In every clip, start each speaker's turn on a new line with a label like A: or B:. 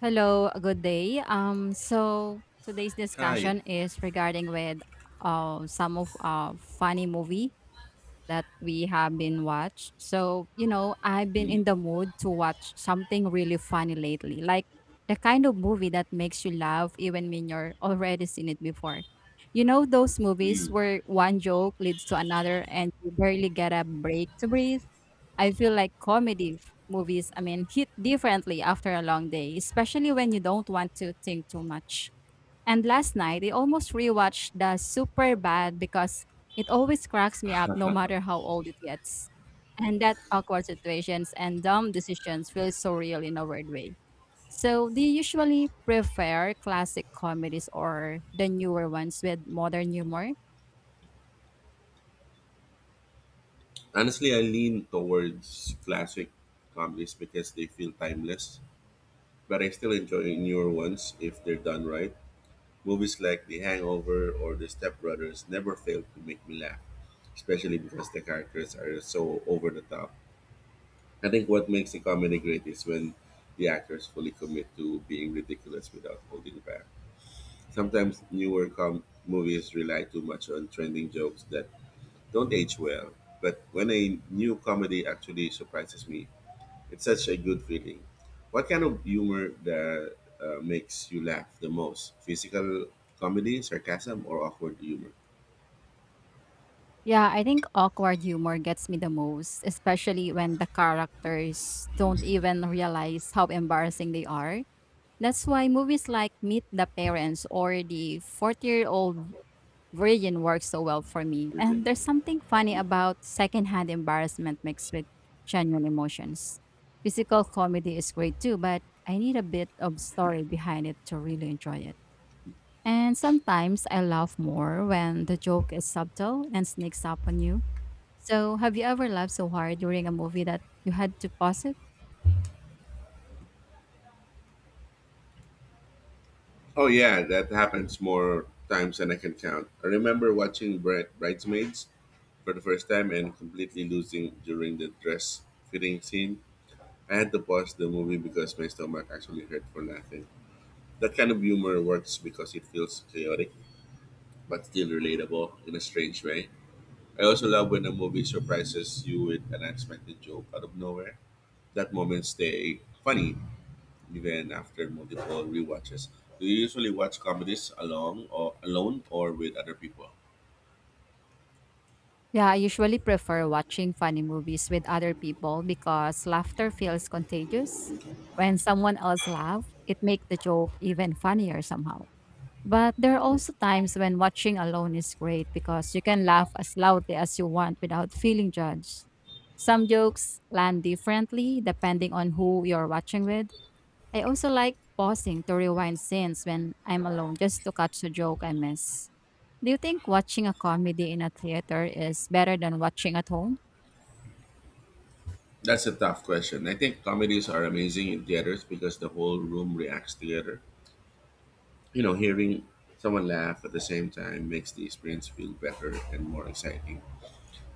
A: Hello, good day. So today's
B: Hi.
A: discussion is regarding with some of funny movie that we have been watched. So, I've been
B: Mm,
A: in the mood to watch something really funny lately, like the kind of movie that makes you laugh even when you're already seen it before. You know those movies
B: mm.
A: where one joke leads to another and you barely get a break to breathe? I feel like comedy movies, I mean, hit differently after a long day, especially when you don't want to think too much. And last night, I almost rewatched the Super Bad because it always cracks me up no matter how old it gets. And that awkward situations and dumb decisions feel so real in a weird way. So, do you usually prefer classic comedies or the newer ones with modern humor?
B: Honestly, I lean towards classic comedies because they feel timeless, but I still enjoy newer ones if they're done right. Movies like The Hangover or The Step Brothers never fail to make me laugh, especially because the characters are so over the top. I think what makes a comedy great is when the actors fully commit to being ridiculous without holding back. Sometimes movies rely too much on trending jokes that don't age well, but when a new comedy actually surprises me, it's such a good feeling. What kind of humor that makes you laugh the most? Physical comedy, sarcasm, or awkward humor?
A: Yeah, I think awkward humor gets me the most, especially when the characters don't even realize how embarrassing they are. That's why movies like Meet the Parents or the 40-year-old version works so well for me.
B: Your take.
A: And there's something funny
B: Mm.
A: about secondhand embarrassment mixed with genuine emotions. Physical comedy is great too, but I need a bit of story behind it to really enjoy it. And sometimes I laugh more when the joke is subtle and sneaks up on you. So, have you ever laughed so hard during a movie that you had to pause it?
B: Oh yeah, that happens more times than I can count. I remember watching Bridesmaids for the first time and completely losing during the dress fitting scene. I had to pause the movie because my stomach actually hurt for laughing. That kind of humor works because it feels chaotic but still relatable in a strange way. I also love when a movie surprises you with an unexpected joke out of nowhere. That moment stay funny even after multiple rewatches. Do you usually watch comedies along or alone or with other people?
A: Yeah, I usually prefer watching funny movies with other people because laughter feels contagious. When someone else laughs, it makes the joke even funnier somehow. But there are also times when watching alone is great because you can laugh as loudly as you want without feeling judged. Some jokes land differently depending on who you're watching with. I also like pausing to rewind scenes when I'm alone just to catch a joke I miss. Do you think watching a comedy in a theater is better than watching at home?
B: That's a tough question. I think comedies are amazing in theaters because the whole room reacts together. You know, hearing someone laugh at the same time makes the experience feel better and more exciting.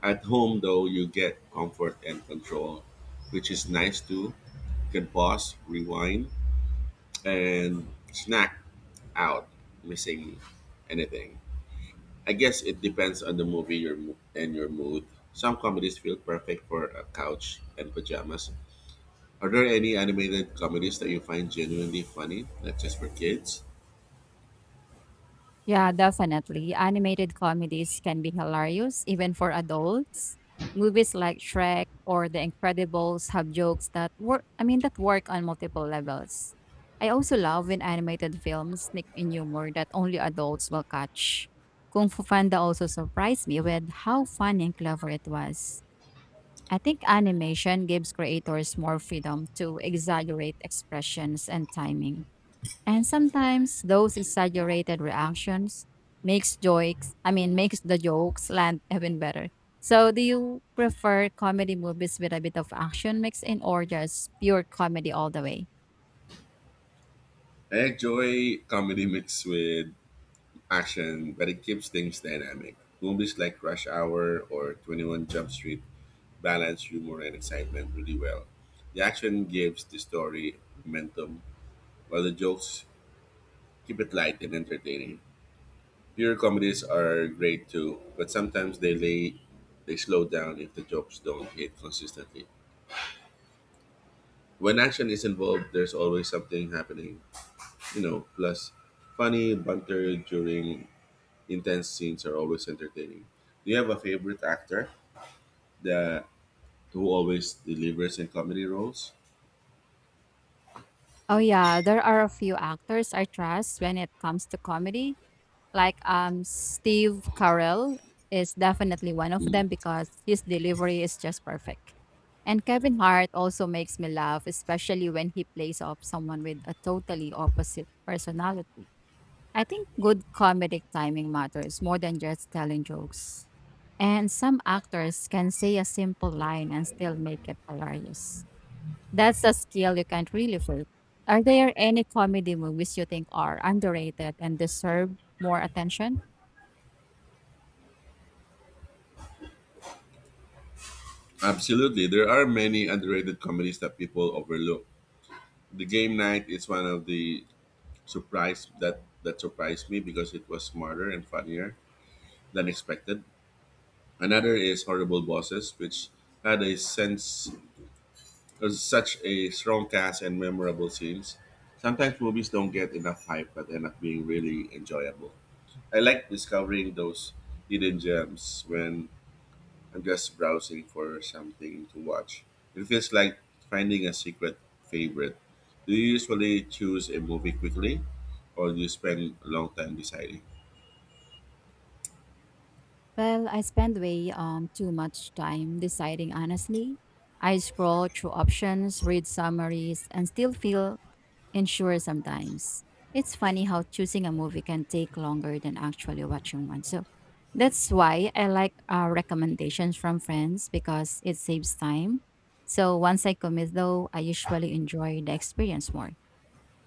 B: At home, though, you get comfort and control, which is nice too. You can pause, rewind, and snack out, missing anything. I guess it depends on the movie and your mood. Some comedies feel perfect for a couch and pajamas. Are there any animated comedies that you find genuinely funny, not just for kids?
A: Yeah, definitely. Animated comedies can be hilarious even for adults. Movies like Shrek or The Incredibles have jokes that work, I mean that work on multiple levels. I also love when animated films sneak in humor that only adults will catch. Kung Fu Panda also surprised me with how funny and clever it was. I think animation gives creators more freedom to exaggerate expressions and timing. And sometimes those exaggerated reactions makes jokes, I mean makes the jokes land even better. So do you prefer comedy movies with a bit of action mixed in or just pure comedy all the way?
B: I enjoy comedy mixed with action, but it keeps things dynamic. Movies like Rush Hour or 21 Jump Street balance humor and excitement really well. The action gives the story momentum, while the jokes keep it light and entertaining. Pure comedies are great too, but sometimes they slow down if the jokes don't hit consistently. When action is involved, there's always something happening, you know. Plus, funny banter during intense scenes are always entertaining. Do you have a favorite actor that who always delivers in comedy roles?
A: Oh yeah, there are a few actors I trust when it comes to comedy. Like, Steve Carell is definitely one of them because his delivery is just perfect. And Kevin Hart also makes me laugh, especially when he plays off someone with a totally opposite personality. I think good comedic timing matters more than just telling jokes. And some actors can say a simple line and still make it hilarious. That's a skill you can't really fake. Are there any comedy movies you think are underrated and deserve more attention?
B: Absolutely. There are many underrated comedies that people overlook. The Game Night is one of the surprise that surprised me because it was smarter and funnier than expected. Another is Horrible Bosses, which had a sense of such a strong cast and memorable scenes. Sometimes movies don't get enough hype but end up being really enjoyable. I like discovering those hidden gems when I'm just browsing for something to watch. It feels like finding a secret favorite. Do you usually choose a movie quickly or do you spend a long time deciding?
A: Well, I spend way too much time deciding, honestly. I scroll through options, read summaries, and still feel unsure sometimes. It's funny how choosing a movie can take longer than actually watching one. So that's why I like recommendations from friends because it saves time. So once I commit, though, I usually enjoy the experience more.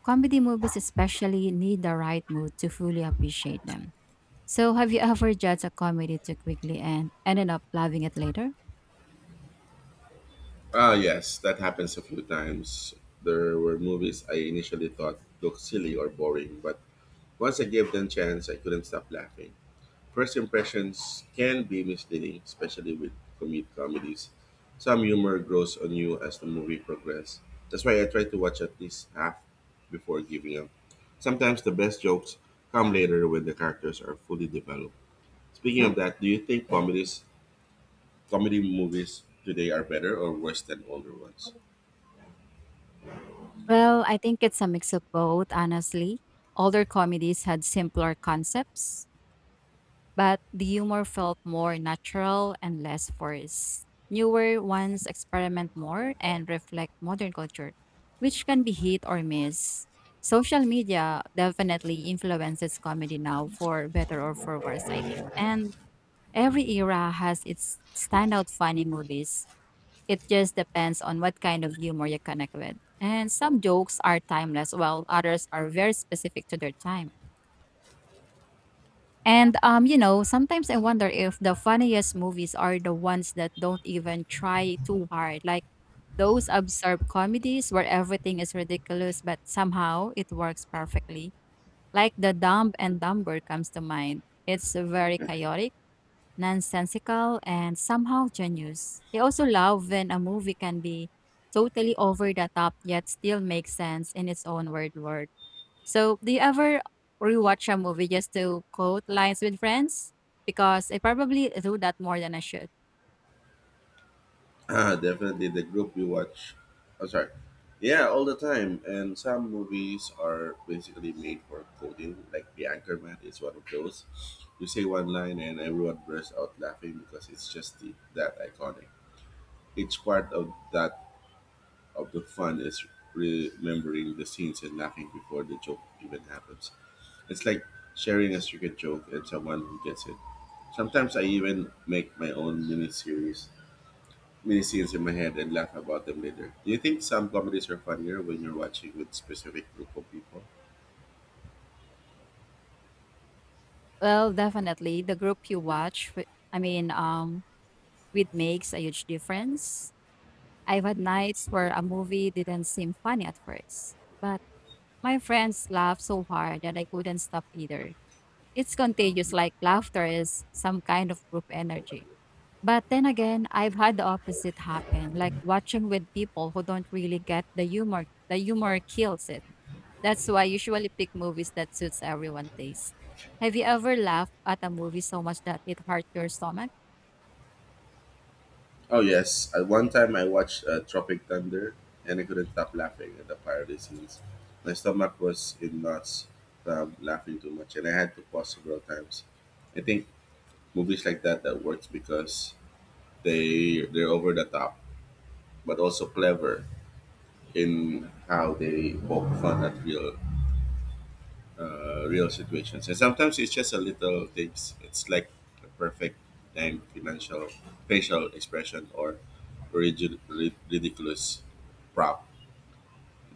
A: Comedy movies, especially, need the right mood to fully appreciate them. So, have you ever judged a comedy too quickly and ended up loving it later?
B: Ah, yes, that happens a few times. There were movies I initially thought looked silly or boring, but once I gave them a chance, I couldn't stop laughing. First impressions can be misleading, especially with comedies. Some humor grows on you as the movie progresses. That's why I try to watch at least half before giving up. Sometimes the best jokes come later when the characters are fully developed. Speaking of that, do you think comedy movies today are better or worse than older ones?
A: Well, I think it's a mix of both, honestly. Older comedies had simpler concepts, but the humor felt more natural and less forced. Newer ones experiment more and reflect modern culture, which can be hit or miss. Social media definitely influences comedy now for better or for worse, I think. And every era has its standout funny movies. It just depends on what kind of humor you connect with. And some jokes are timeless, while others are very specific to their time. Sometimes I wonder if the funniest movies are the ones that don't even try too hard, like those absurd comedies where everything is ridiculous but somehow it works perfectly. Like The Dumb and Dumber comes to mind. It's very chaotic, nonsensical, and somehow genius. I also love when a movie can be totally over the top yet still makes sense in its own weird world. So, do you ever rewatch a movie just to quote lines with friends? Because I probably do that more than I should.
B: Ah, definitely the group we watch. I'm sorry. Yeah, all the time. And some movies are basically made for coding. Like The Anchorman is one of those. You say one line and everyone bursts out laughing because it's just that iconic. Each part of the fun is remembering the scenes and laughing before the joke even happens. It's like sharing a secret joke and someone who gets it. Sometimes I even make my own mini series many scenes in my head and laugh about them later. Do you think some comedies are funnier when you're watching with specific group of people?
A: Well, definitely the group you watch. I mean, it makes a huge difference. I've had nights where a movie didn't seem funny at first, but my friends laughed so hard that I couldn't stop either. It's contagious,
B: Complete
A: like laughter is some kind of group energy.
B: company.
A: But then again, I've had the opposite happen, like watching with people who don't really get the humor. The humor kills it. That's why I usually pick movies that suits everyone's taste. Have you ever laughed at a movie so much that it hurt your stomach?
B: Oh yes, at one time I watched Tropic Thunder and I couldn't stop laughing at the parody scenes. My stomach was in knots from laughing too much, and I had to pause several times. I think movies like that works because they're over the top, but also clever in how they poke fun at real situations. And sometimes it's just a little things. It's like a perfect timed financial facial expression or ridiculous prop.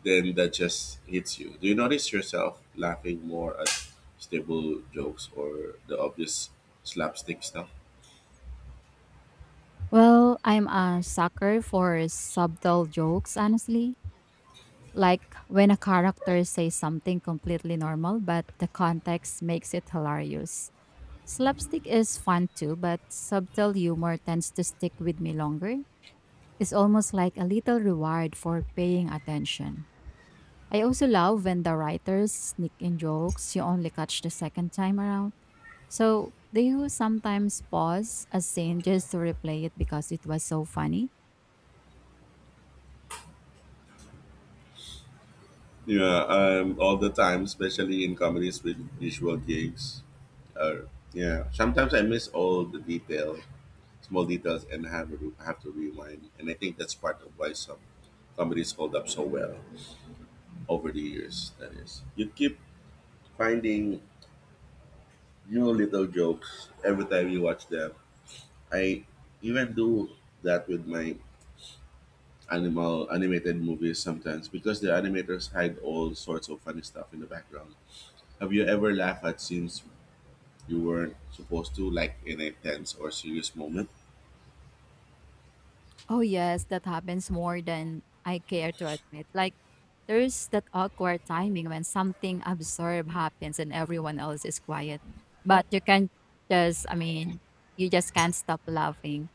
B: Then that just hits you. Do you notice yourself laughing more at stable jokes or the obvious slapstick stuff?
A: Well, I'm a sucker for subtle jokes, honestly. Like when a character says something completely normal, but the context makes it hilarious. Slapstick is fun too, but subtle humor tends to stick with me longer. It's almost like a little reward for paying attention. I also love when the writers sneak in jokes you only catch the second time around. So, do you sometimes pause a scene just to replay it because it was so funny?
B: Yeah, all the time, especially in comedies with visual gigs. Uh, yeah, sometimes I miss all the detail small details and have to rewind. And I think that's part of why some comedies hold up so well over the years. That is, you keep finding new little jokes every time you watch them. I even do that with my animal animated movies sometimes because the animators hide all sorts of funny stuff in the background. Have you ever laughed at scenes you weren't supposed to, like in a tense or serious moment?
A: Oh, yes, that happens more than I care to admit. Like, there's that awkward timing when something absurd happens and everyone else is quiet, but you can't just, I mean, you just can't stop laughing.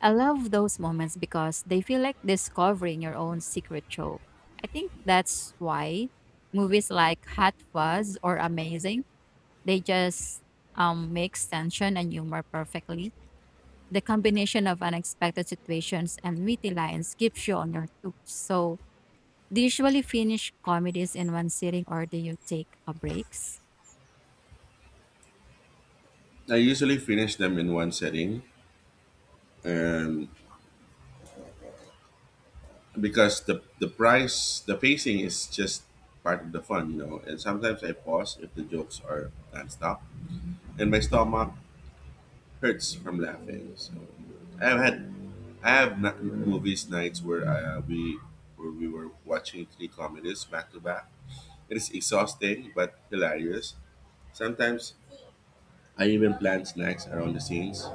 A: I love those moments because they feel like discovering your own secret joke. I think that's why movies like Hot Fuzz or Amazing, they just mix tension and humor perfectly. The combination of unexpected situations and witty lines keeps you on your toes. So do you usually finish comedies in one sitting or do you take a breaks?
B: I usually finish them in one setting and because the pacing is just part of the fun, you know, and sometimes I pause if the jokes are nonstop and my stomach hurts from laughing. So i've had I have not, movies nights where we were watching three comedies back to back. It is exhausting but hilarious. Sometimes I even plan snacks around the scenes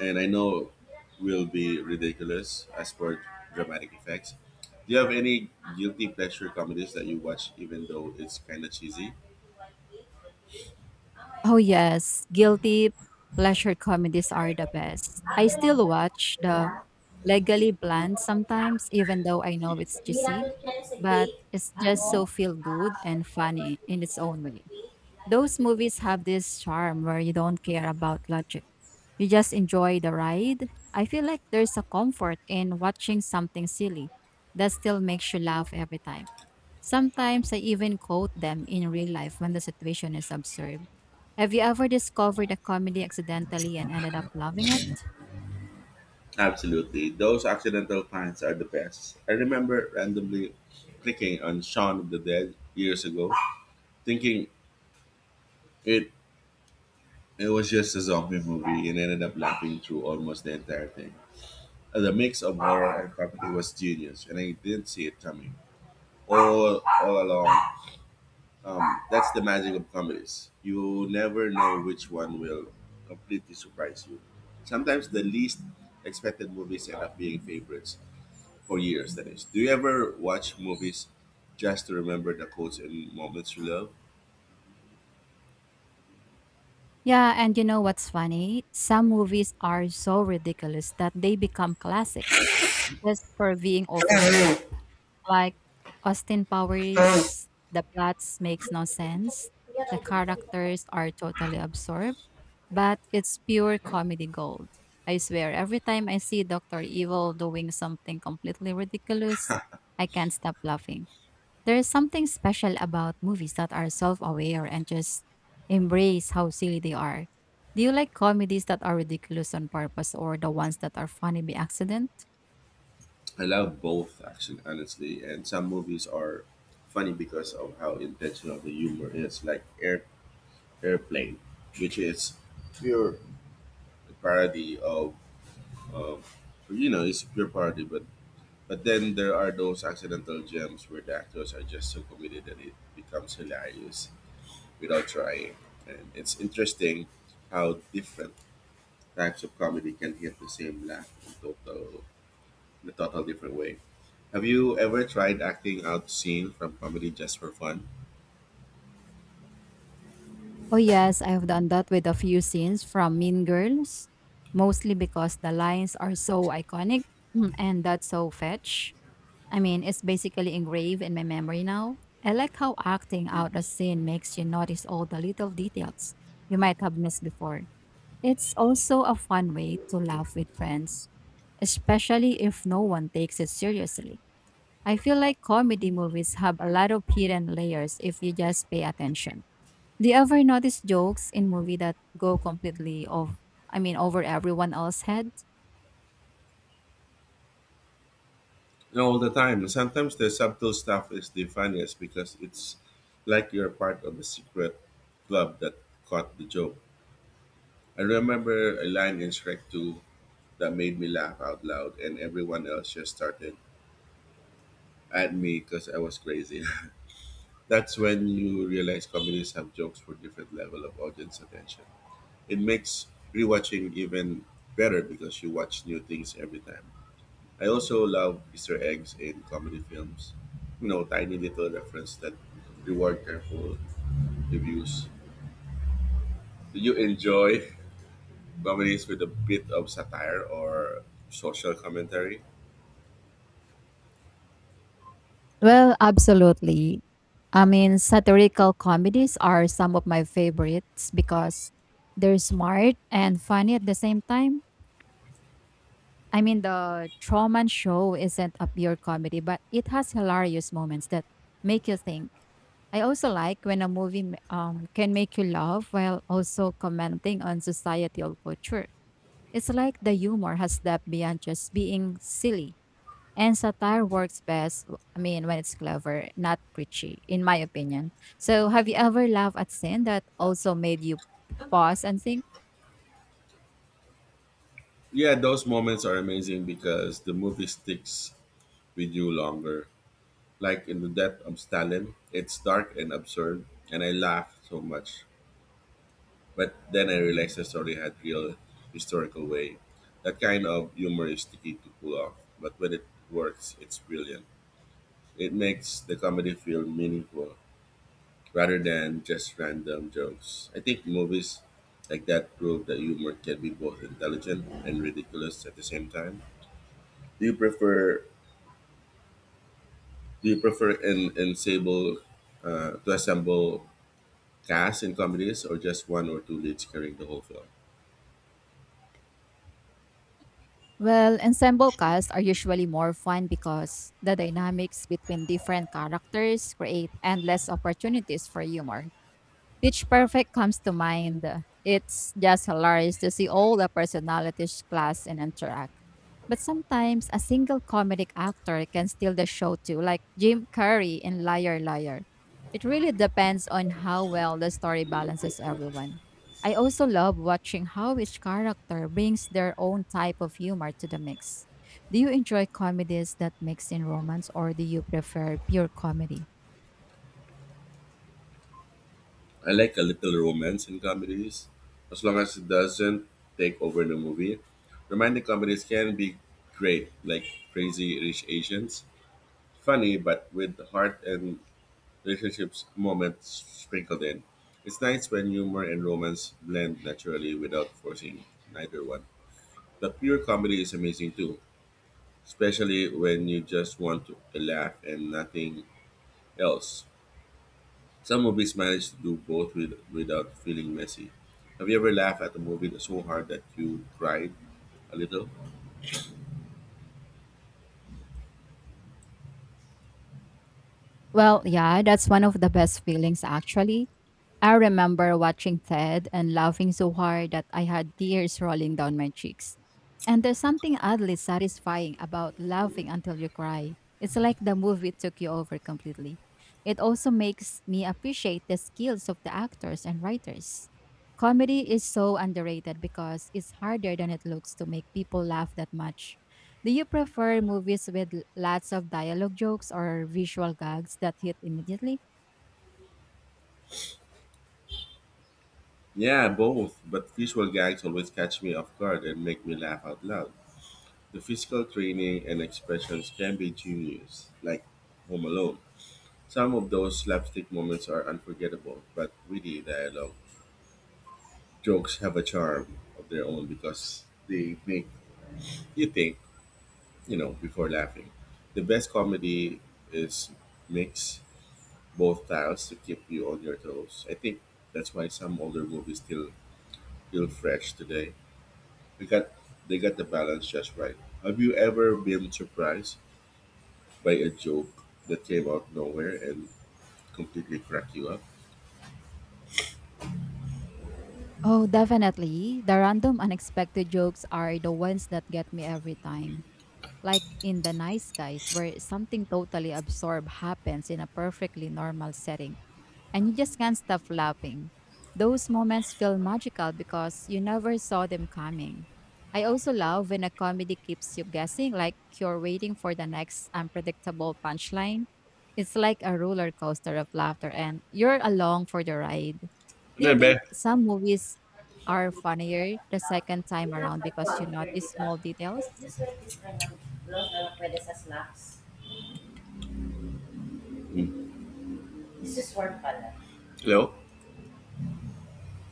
B: and I know will be ridiculous as for dramatic effects. Do you have any guilty pleasure comedies that you watch even though it's kind of cheesy?
A: Oh yes, guilty pleasure comedies are the best. I still watch the Legally Blonde sometimes even though I know it's cheesy, but it's just so feel good and funny in its own way. Those movies have this charm where you don't care about logic. You just enjoy the ride. I feel like there's a comfort in watching something silly that still makes you laugh every time. Sometimes I even quote them in real life when the situation is absurd. Have you ever discovered a comedy accidentally and ended up loving it?
B: Absolutely. Those accidental finds are the best. I remember randomly clicking on Shaun of the Dead years ago, thinking it it was just a zombie movie and ended up laughing through almost the entire thing. The mix of horror and comedy was genius and I didn't see it coming. All along. Um, that's the magic of comedies. You never know which one will completely surprise you. Sometimes the least expected movies end up being favorites for years, that is. Do you ever watch movies just to remember the quotes and moments you love?
A: Yeah, and you know what's funny? Some movies are so ridiculous that they become classics just for being over the top. Like Austin Powers, the plots makes no sense. The characters are totally absurd but it's pure comedy gold. I swear, every time I see Dr. Evil doing something completely ridiculous, I can't stop laughing. There is something special about movies that are self aware and just embrace how silly they are. Do you like comedies that are ridiculous on purpose or the ones that are funny by accident?
B: I love both, actually, honestly. And some movies are funny because of how intentional the humor is, like Airplane, which is pure parody of you know, it's pure parody, but then there are those accidental gems where the actors are just so committed that it becomes hilarious without trying. And it's interesting how different types of comedy can hit the same laugh in a total different way. Have you ever tried acting out scene from comedy just for fun?
A: Oh, yes, I've done that with a few scenes from Mean Girls, mostly because the lines are so iconic. And that's so fetch. I mean, it's basically engraved in my memory now. I like how acting out a scene makes you notice all the little details you might have missed before. It's also a fun way to laugh with friends, especially if no one takes it seriously. I feel like comedy movies have a lot of hidden layers if you just pay attention. Do you ever notice jokes in movie that go completely off, I mean, over everyone else's head?
B: No, all the time. Sometimes the subtle stuff is the funniest because it's like you're part of a secret club that caught the joke. I remember a line in Shrek 2 that made me laugh out loud, and everyone else just started at me because I was crazy. That's when you realize comedies have jokes for different level of audience attention. It makes rewatching even better because you watch new things every time. I also love Easter eggs in comedy films. You know, tiny little reference that reward careful reviews. Do you enjoy comedies with a bit of satire or social commentary?
A: Well, absolutely. I mean, satirical comedies are some of my favorites because they're smart and funny at the same time. I mean, the Truman Show isn't a pure comedy, but it has hilarious moments that make you think. I also like when a movie can make you laugh while also commenting on societal culture. It's like the humor has depth beyond just being silly. And satire works best, I mean, when it's clever, not preachy, in my opinion. So, have you ever laughed at sin that also made you pause and think?
B: Yeah, those moments are amazing because the movie sticks with you longer. Like in The Death of Stalin, it's dark and absurd, and I laughed so much. But then I realized the story had real historical weight. That kind of humor is tricky to pull off, but when it works, it's brilliant. It makes the comedy feel meaningful rather than just random jokes. I think movies like that prove that humor can be both intelligent and ridiculous at the same time. Do you prefer Do you prefer in Sable to assemble cast in comedies or just one or two leads carrying the whole film?
A: Well, ensemble casts are usually more fun because the dynamics between different characters create endless opportunities for humor. Pitch Perfect comes to mind. It's just hilarious to see all the personalities clash and interact. But sometimes a single comedic actor can steal the show too, like Jim Carrey in Liar Liar. It really depends on how well the story balances everyone. I also love watching how each character brings their own type of humor to the mix. Do you enjoy comedies that mix in romance, or do you prefer pure comedy?
B: I like a little romance in comedies, as long as it doesn't take over the movie. Romantic comedies can be great, like Crazy Rich Asians, funny but with heart and relationships moments sprinkled in. It's nice when humor and romance blend naturally without forcing neither one. But pure comedy is amazing too, especially when you just want to laugh and nothing else. Some movies manage to do both without feeling messy. Have you ever laughed at a movie that's so hard that you cried a little?
A: Well, yeah, that's one of the best feelings actually. I remember watching Ted and laughing so hard that I had tears rolling down my cheeks. And there's something oddly satisfying about laughing until you cry. It's like the movie took you over completely. It also makes me appreciate the skills of the actors and writers. Comedy is so underrated because it's harder than it looks to make people laugh that much. Do you prefer movies with lots of dialogue jokes or visual gags that hit immediately?
B: Yeah, both, but visual gags always catch me off guard and make me laugh out loud. The physical training and expressions can be genius, like Home Alone. Some of those slapstick moments are unforgettable, but witty dialogue jokes have a charm of their own because they make you think, you know, before laughing. The best comedy is mix both styles to keep you on your toes. I think that's why some older movies still feel fresh today. They got they got the balance just right. Have you ever been surprised by a joke that came out nowhere and completely cracked you up?
A: Oh, definitely. The random unexpected jokes are the ones that get me every time. Like in The Nice Guys, where something totally absurd happens in a perfectly normal setting, and you just can't stop laughing. Those moments feel magical because you never saw them coming. I also love when a comedy keeps you guessing, like you're waiting for the next unpredictable punchline. It's like a roller coaster of laughter, and you're along for the ride. Do you
B: No, babe.
A: think some movies are funnier the second time around because you notice small details?
B: Mm. Hello?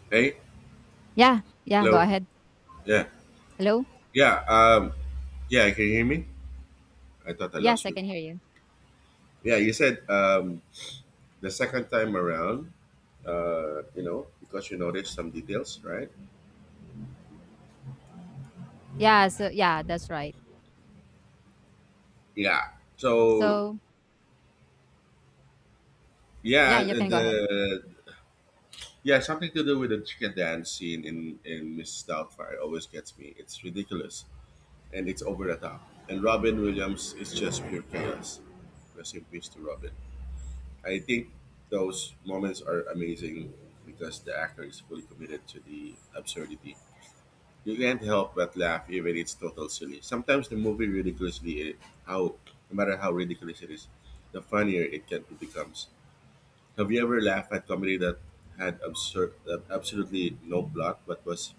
B: Hey?
A: Yeah, yeah, go
B: Hello?
A: ahead.
B: Yeah.
A: Hello?
B: Yeah. Yeah, can you hear me? I thought I
A: Yes,
B: lost
A: I
B: you.
A: can hear you.
B: Yeah, you said the second time around, because you noticed some details, right?
A: Yeah, so yeah, that's right.
B: Yeah. So
A: So, yeah,
B: yeah,
A: you can go ahead.
B: the yeah something to do with the chicken dance scene in Mrs. Doubtfire always gets me. It's ridiculous and it's over the top. And Robin Williams is just pure chaos. Rest in peace to Robin. I think those moments are amazing because the actor is fully committed to the absurdity. You can't help but laugh even it's total silly. Sometimes the movie ridiculously I- How no matter how ridiculous it is, the funnier it becomes. Have you ever laughed at comedy that had absurd that absolutely no plot but was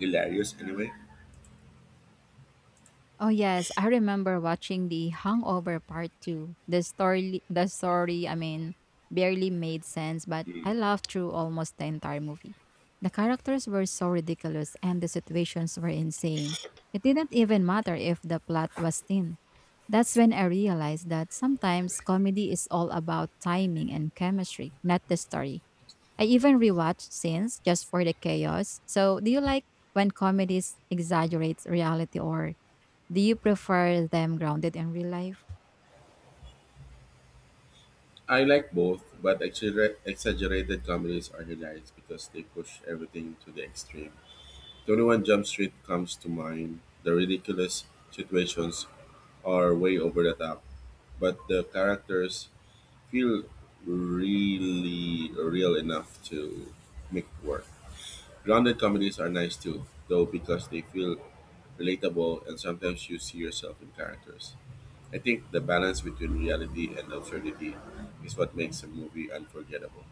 B: hilarious anyway?
A: Oh yes, I remember watching The Hangover Part 2. The story, I mean, barely made sense, but
B: Hmm.
A: I laughed through almost the entire movie. The characters were so ridiculous and the situations were insane. It didn't even matter if the plot was thin. That's when I realized that sometimes comedy is all about timing and chemistry, not the story. I even rewatched scenes just for the chaos. So, do you like when comedies exaggerates reality or do you prefer them grounded in real life?
B: I like both, but exaggerated comedies are hilarious because they push everything to the extreme. 21 Jump Street comes to mind. The ridiculous situations are way over the top, but the characters feel really real enough to make it work. Grounded comedies are nice too, though, because they feel relatable and sometimes you see yourself in characters. I think the balance between reality and absurdity is what makes a movie unforgettable.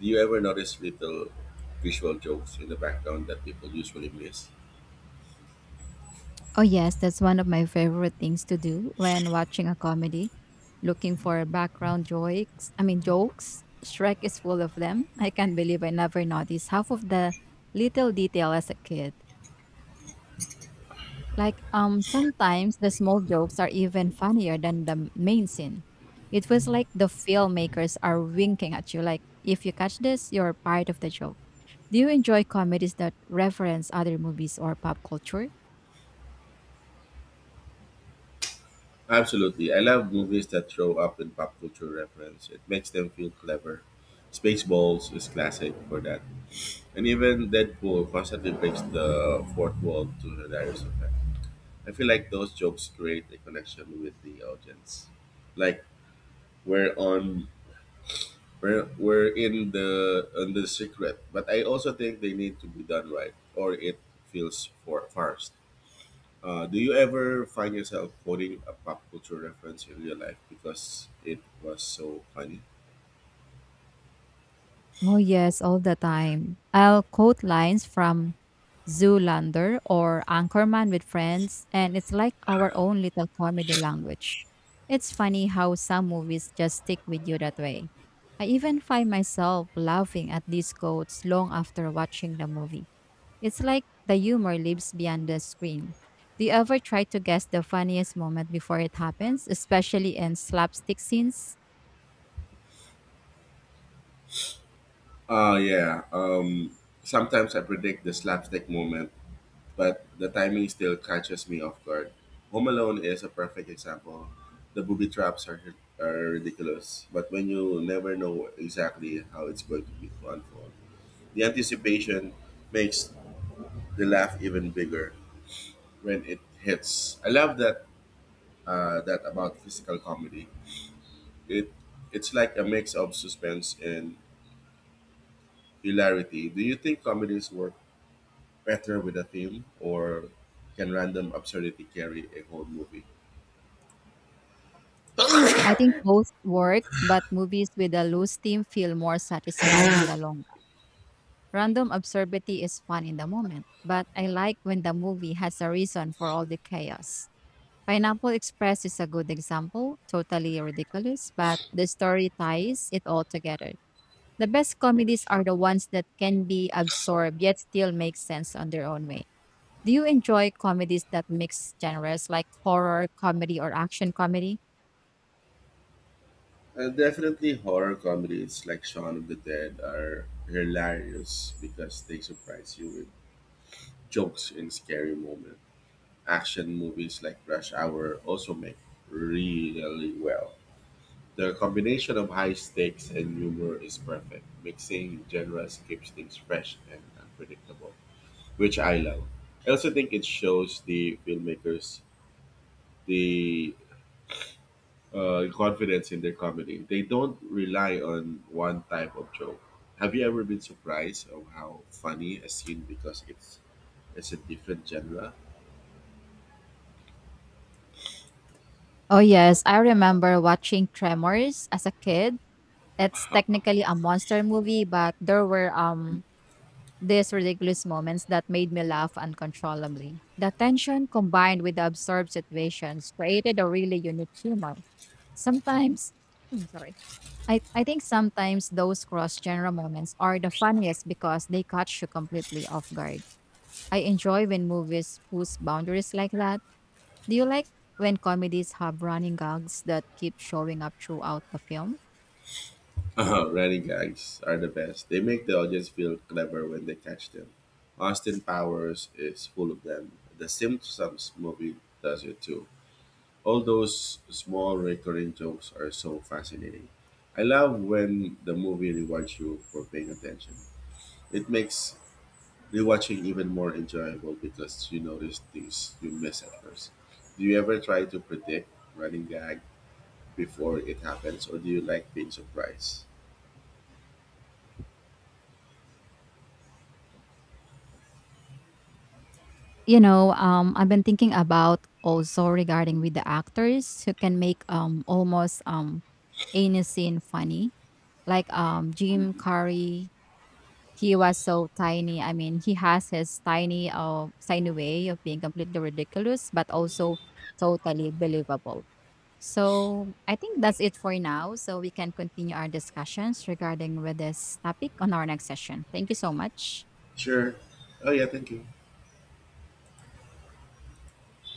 B: Do you ever notice little visual jokes in the background that people usually miss?
A: Oh, yes, that's one of my favorite things to do when watching a comedy. Looking for background jokes, I mean, jokes. Shrek is full of them. I can't believe I never noticed half of the little detail as a kid. Sometimes the small jokes are even funnier than the main scene. It was like the filmmakers are winking at you, like, if you catch this, you're part of the joke. Do you enjoy comedies that reference other movies or pop culture?
B: Absolutely. I love movies that throw up in pop culture reference. It makes them feel clever. Spaceballs is classic for that. And even Deadpool constantly breaks the fourth wall to hilarious effect. I feel like those jokes create a connection with the audience. Like we're on we're, we're in the on the secret. But I also think they need to be done right or it feels for farced. Do you ever find yourself quoting a pop culture reference in real life because it was so funny?
A: Oh, yes, all the time. I'll quote lines from Zoolander or Anchorman with friends, and it's like our own little comedy language. It's funny how some movies just stick with you that way. I even find myself laughing at these quotes long after watching the movie. It's like the humor lives beyond the screen. Do you ever try to guess the funniest moment before it happens, especially in slapstick scenes?
B: Yeah. Sometimes I predict the slapstick moment but the timing still catches me off guard. Home Alone is a perfect example. The booby are ridiculous, but when you never know exactly how it's going to be to unfold, the anticipation makes the laugh even bigger when it hits. I love that that about physical comedy. It it's like a mix of suspense and hilarity. Do you think comedies work better with a theme, or can random absurdity carry a whole movie?
A: I think both work, but movies with a loose theme feel more satisfying in the long run. Random absurdity is fun in the moment, but I like when the movie has a reason for all the chaos. Pineapple Express is a good example, totally ridiculous, but the story ties it all together. The best comedies are the ones that can be absorbed yet still make sense on their own way. Do you enjoy comedies that mix genres like horror, comedy, or action comedy?
B: Definitely horror comedies like Shaun of the Dead are hilarious because they surprise you with jokes in scary moments. Action movies like Rush Hour also make really well. The combination of high stakes and humor is perfect. Mixing genres keeps things fresh and unpredictable, which I love. I also think it shows the filmmakers the confidence in their comedy. They don't rely on one type of joke. Have you ever been surprised of how funny a scene because it's a different genre?
A: Oh, yes. I remember watching Tremors as a kid. It's technically a monster movie, but there were these ridiculous moments that made me laugh uncontrollably. The tension combined with the absurd situations created a really unique humor. Sometimes, I'm sorry. I think sometimes those cross genre moments are the funniest because they catch you completely off guard. I enjoy when movies push boundaries like that. Do you like when comedies have running gags that keep showing up throughout the film?
B: Running gags are the best. They make the audience feel clever when they catch them. Austin Powers is full of them. The Simpsons movie does it too. All those small recurring jokes are so fascinating. I love when the movie rewards you for paying attention. It makes rewatching even more enjoyable because you notice things you miss at first. Do you ever try to predict running gag before it happens or do you like being surprised?
A: I've been thinking about also regarding with the actors who can make almost any scene funny. Like Jim Carrey, he was so tiny. I mean, he has his tiny tiny way of being completely ridiculous, but also totally believable. So I think that's it for now. So we can continue our discussions regarding with this topic on our next session. Thank you so much.
B: Sure. Oh yeah, thank you.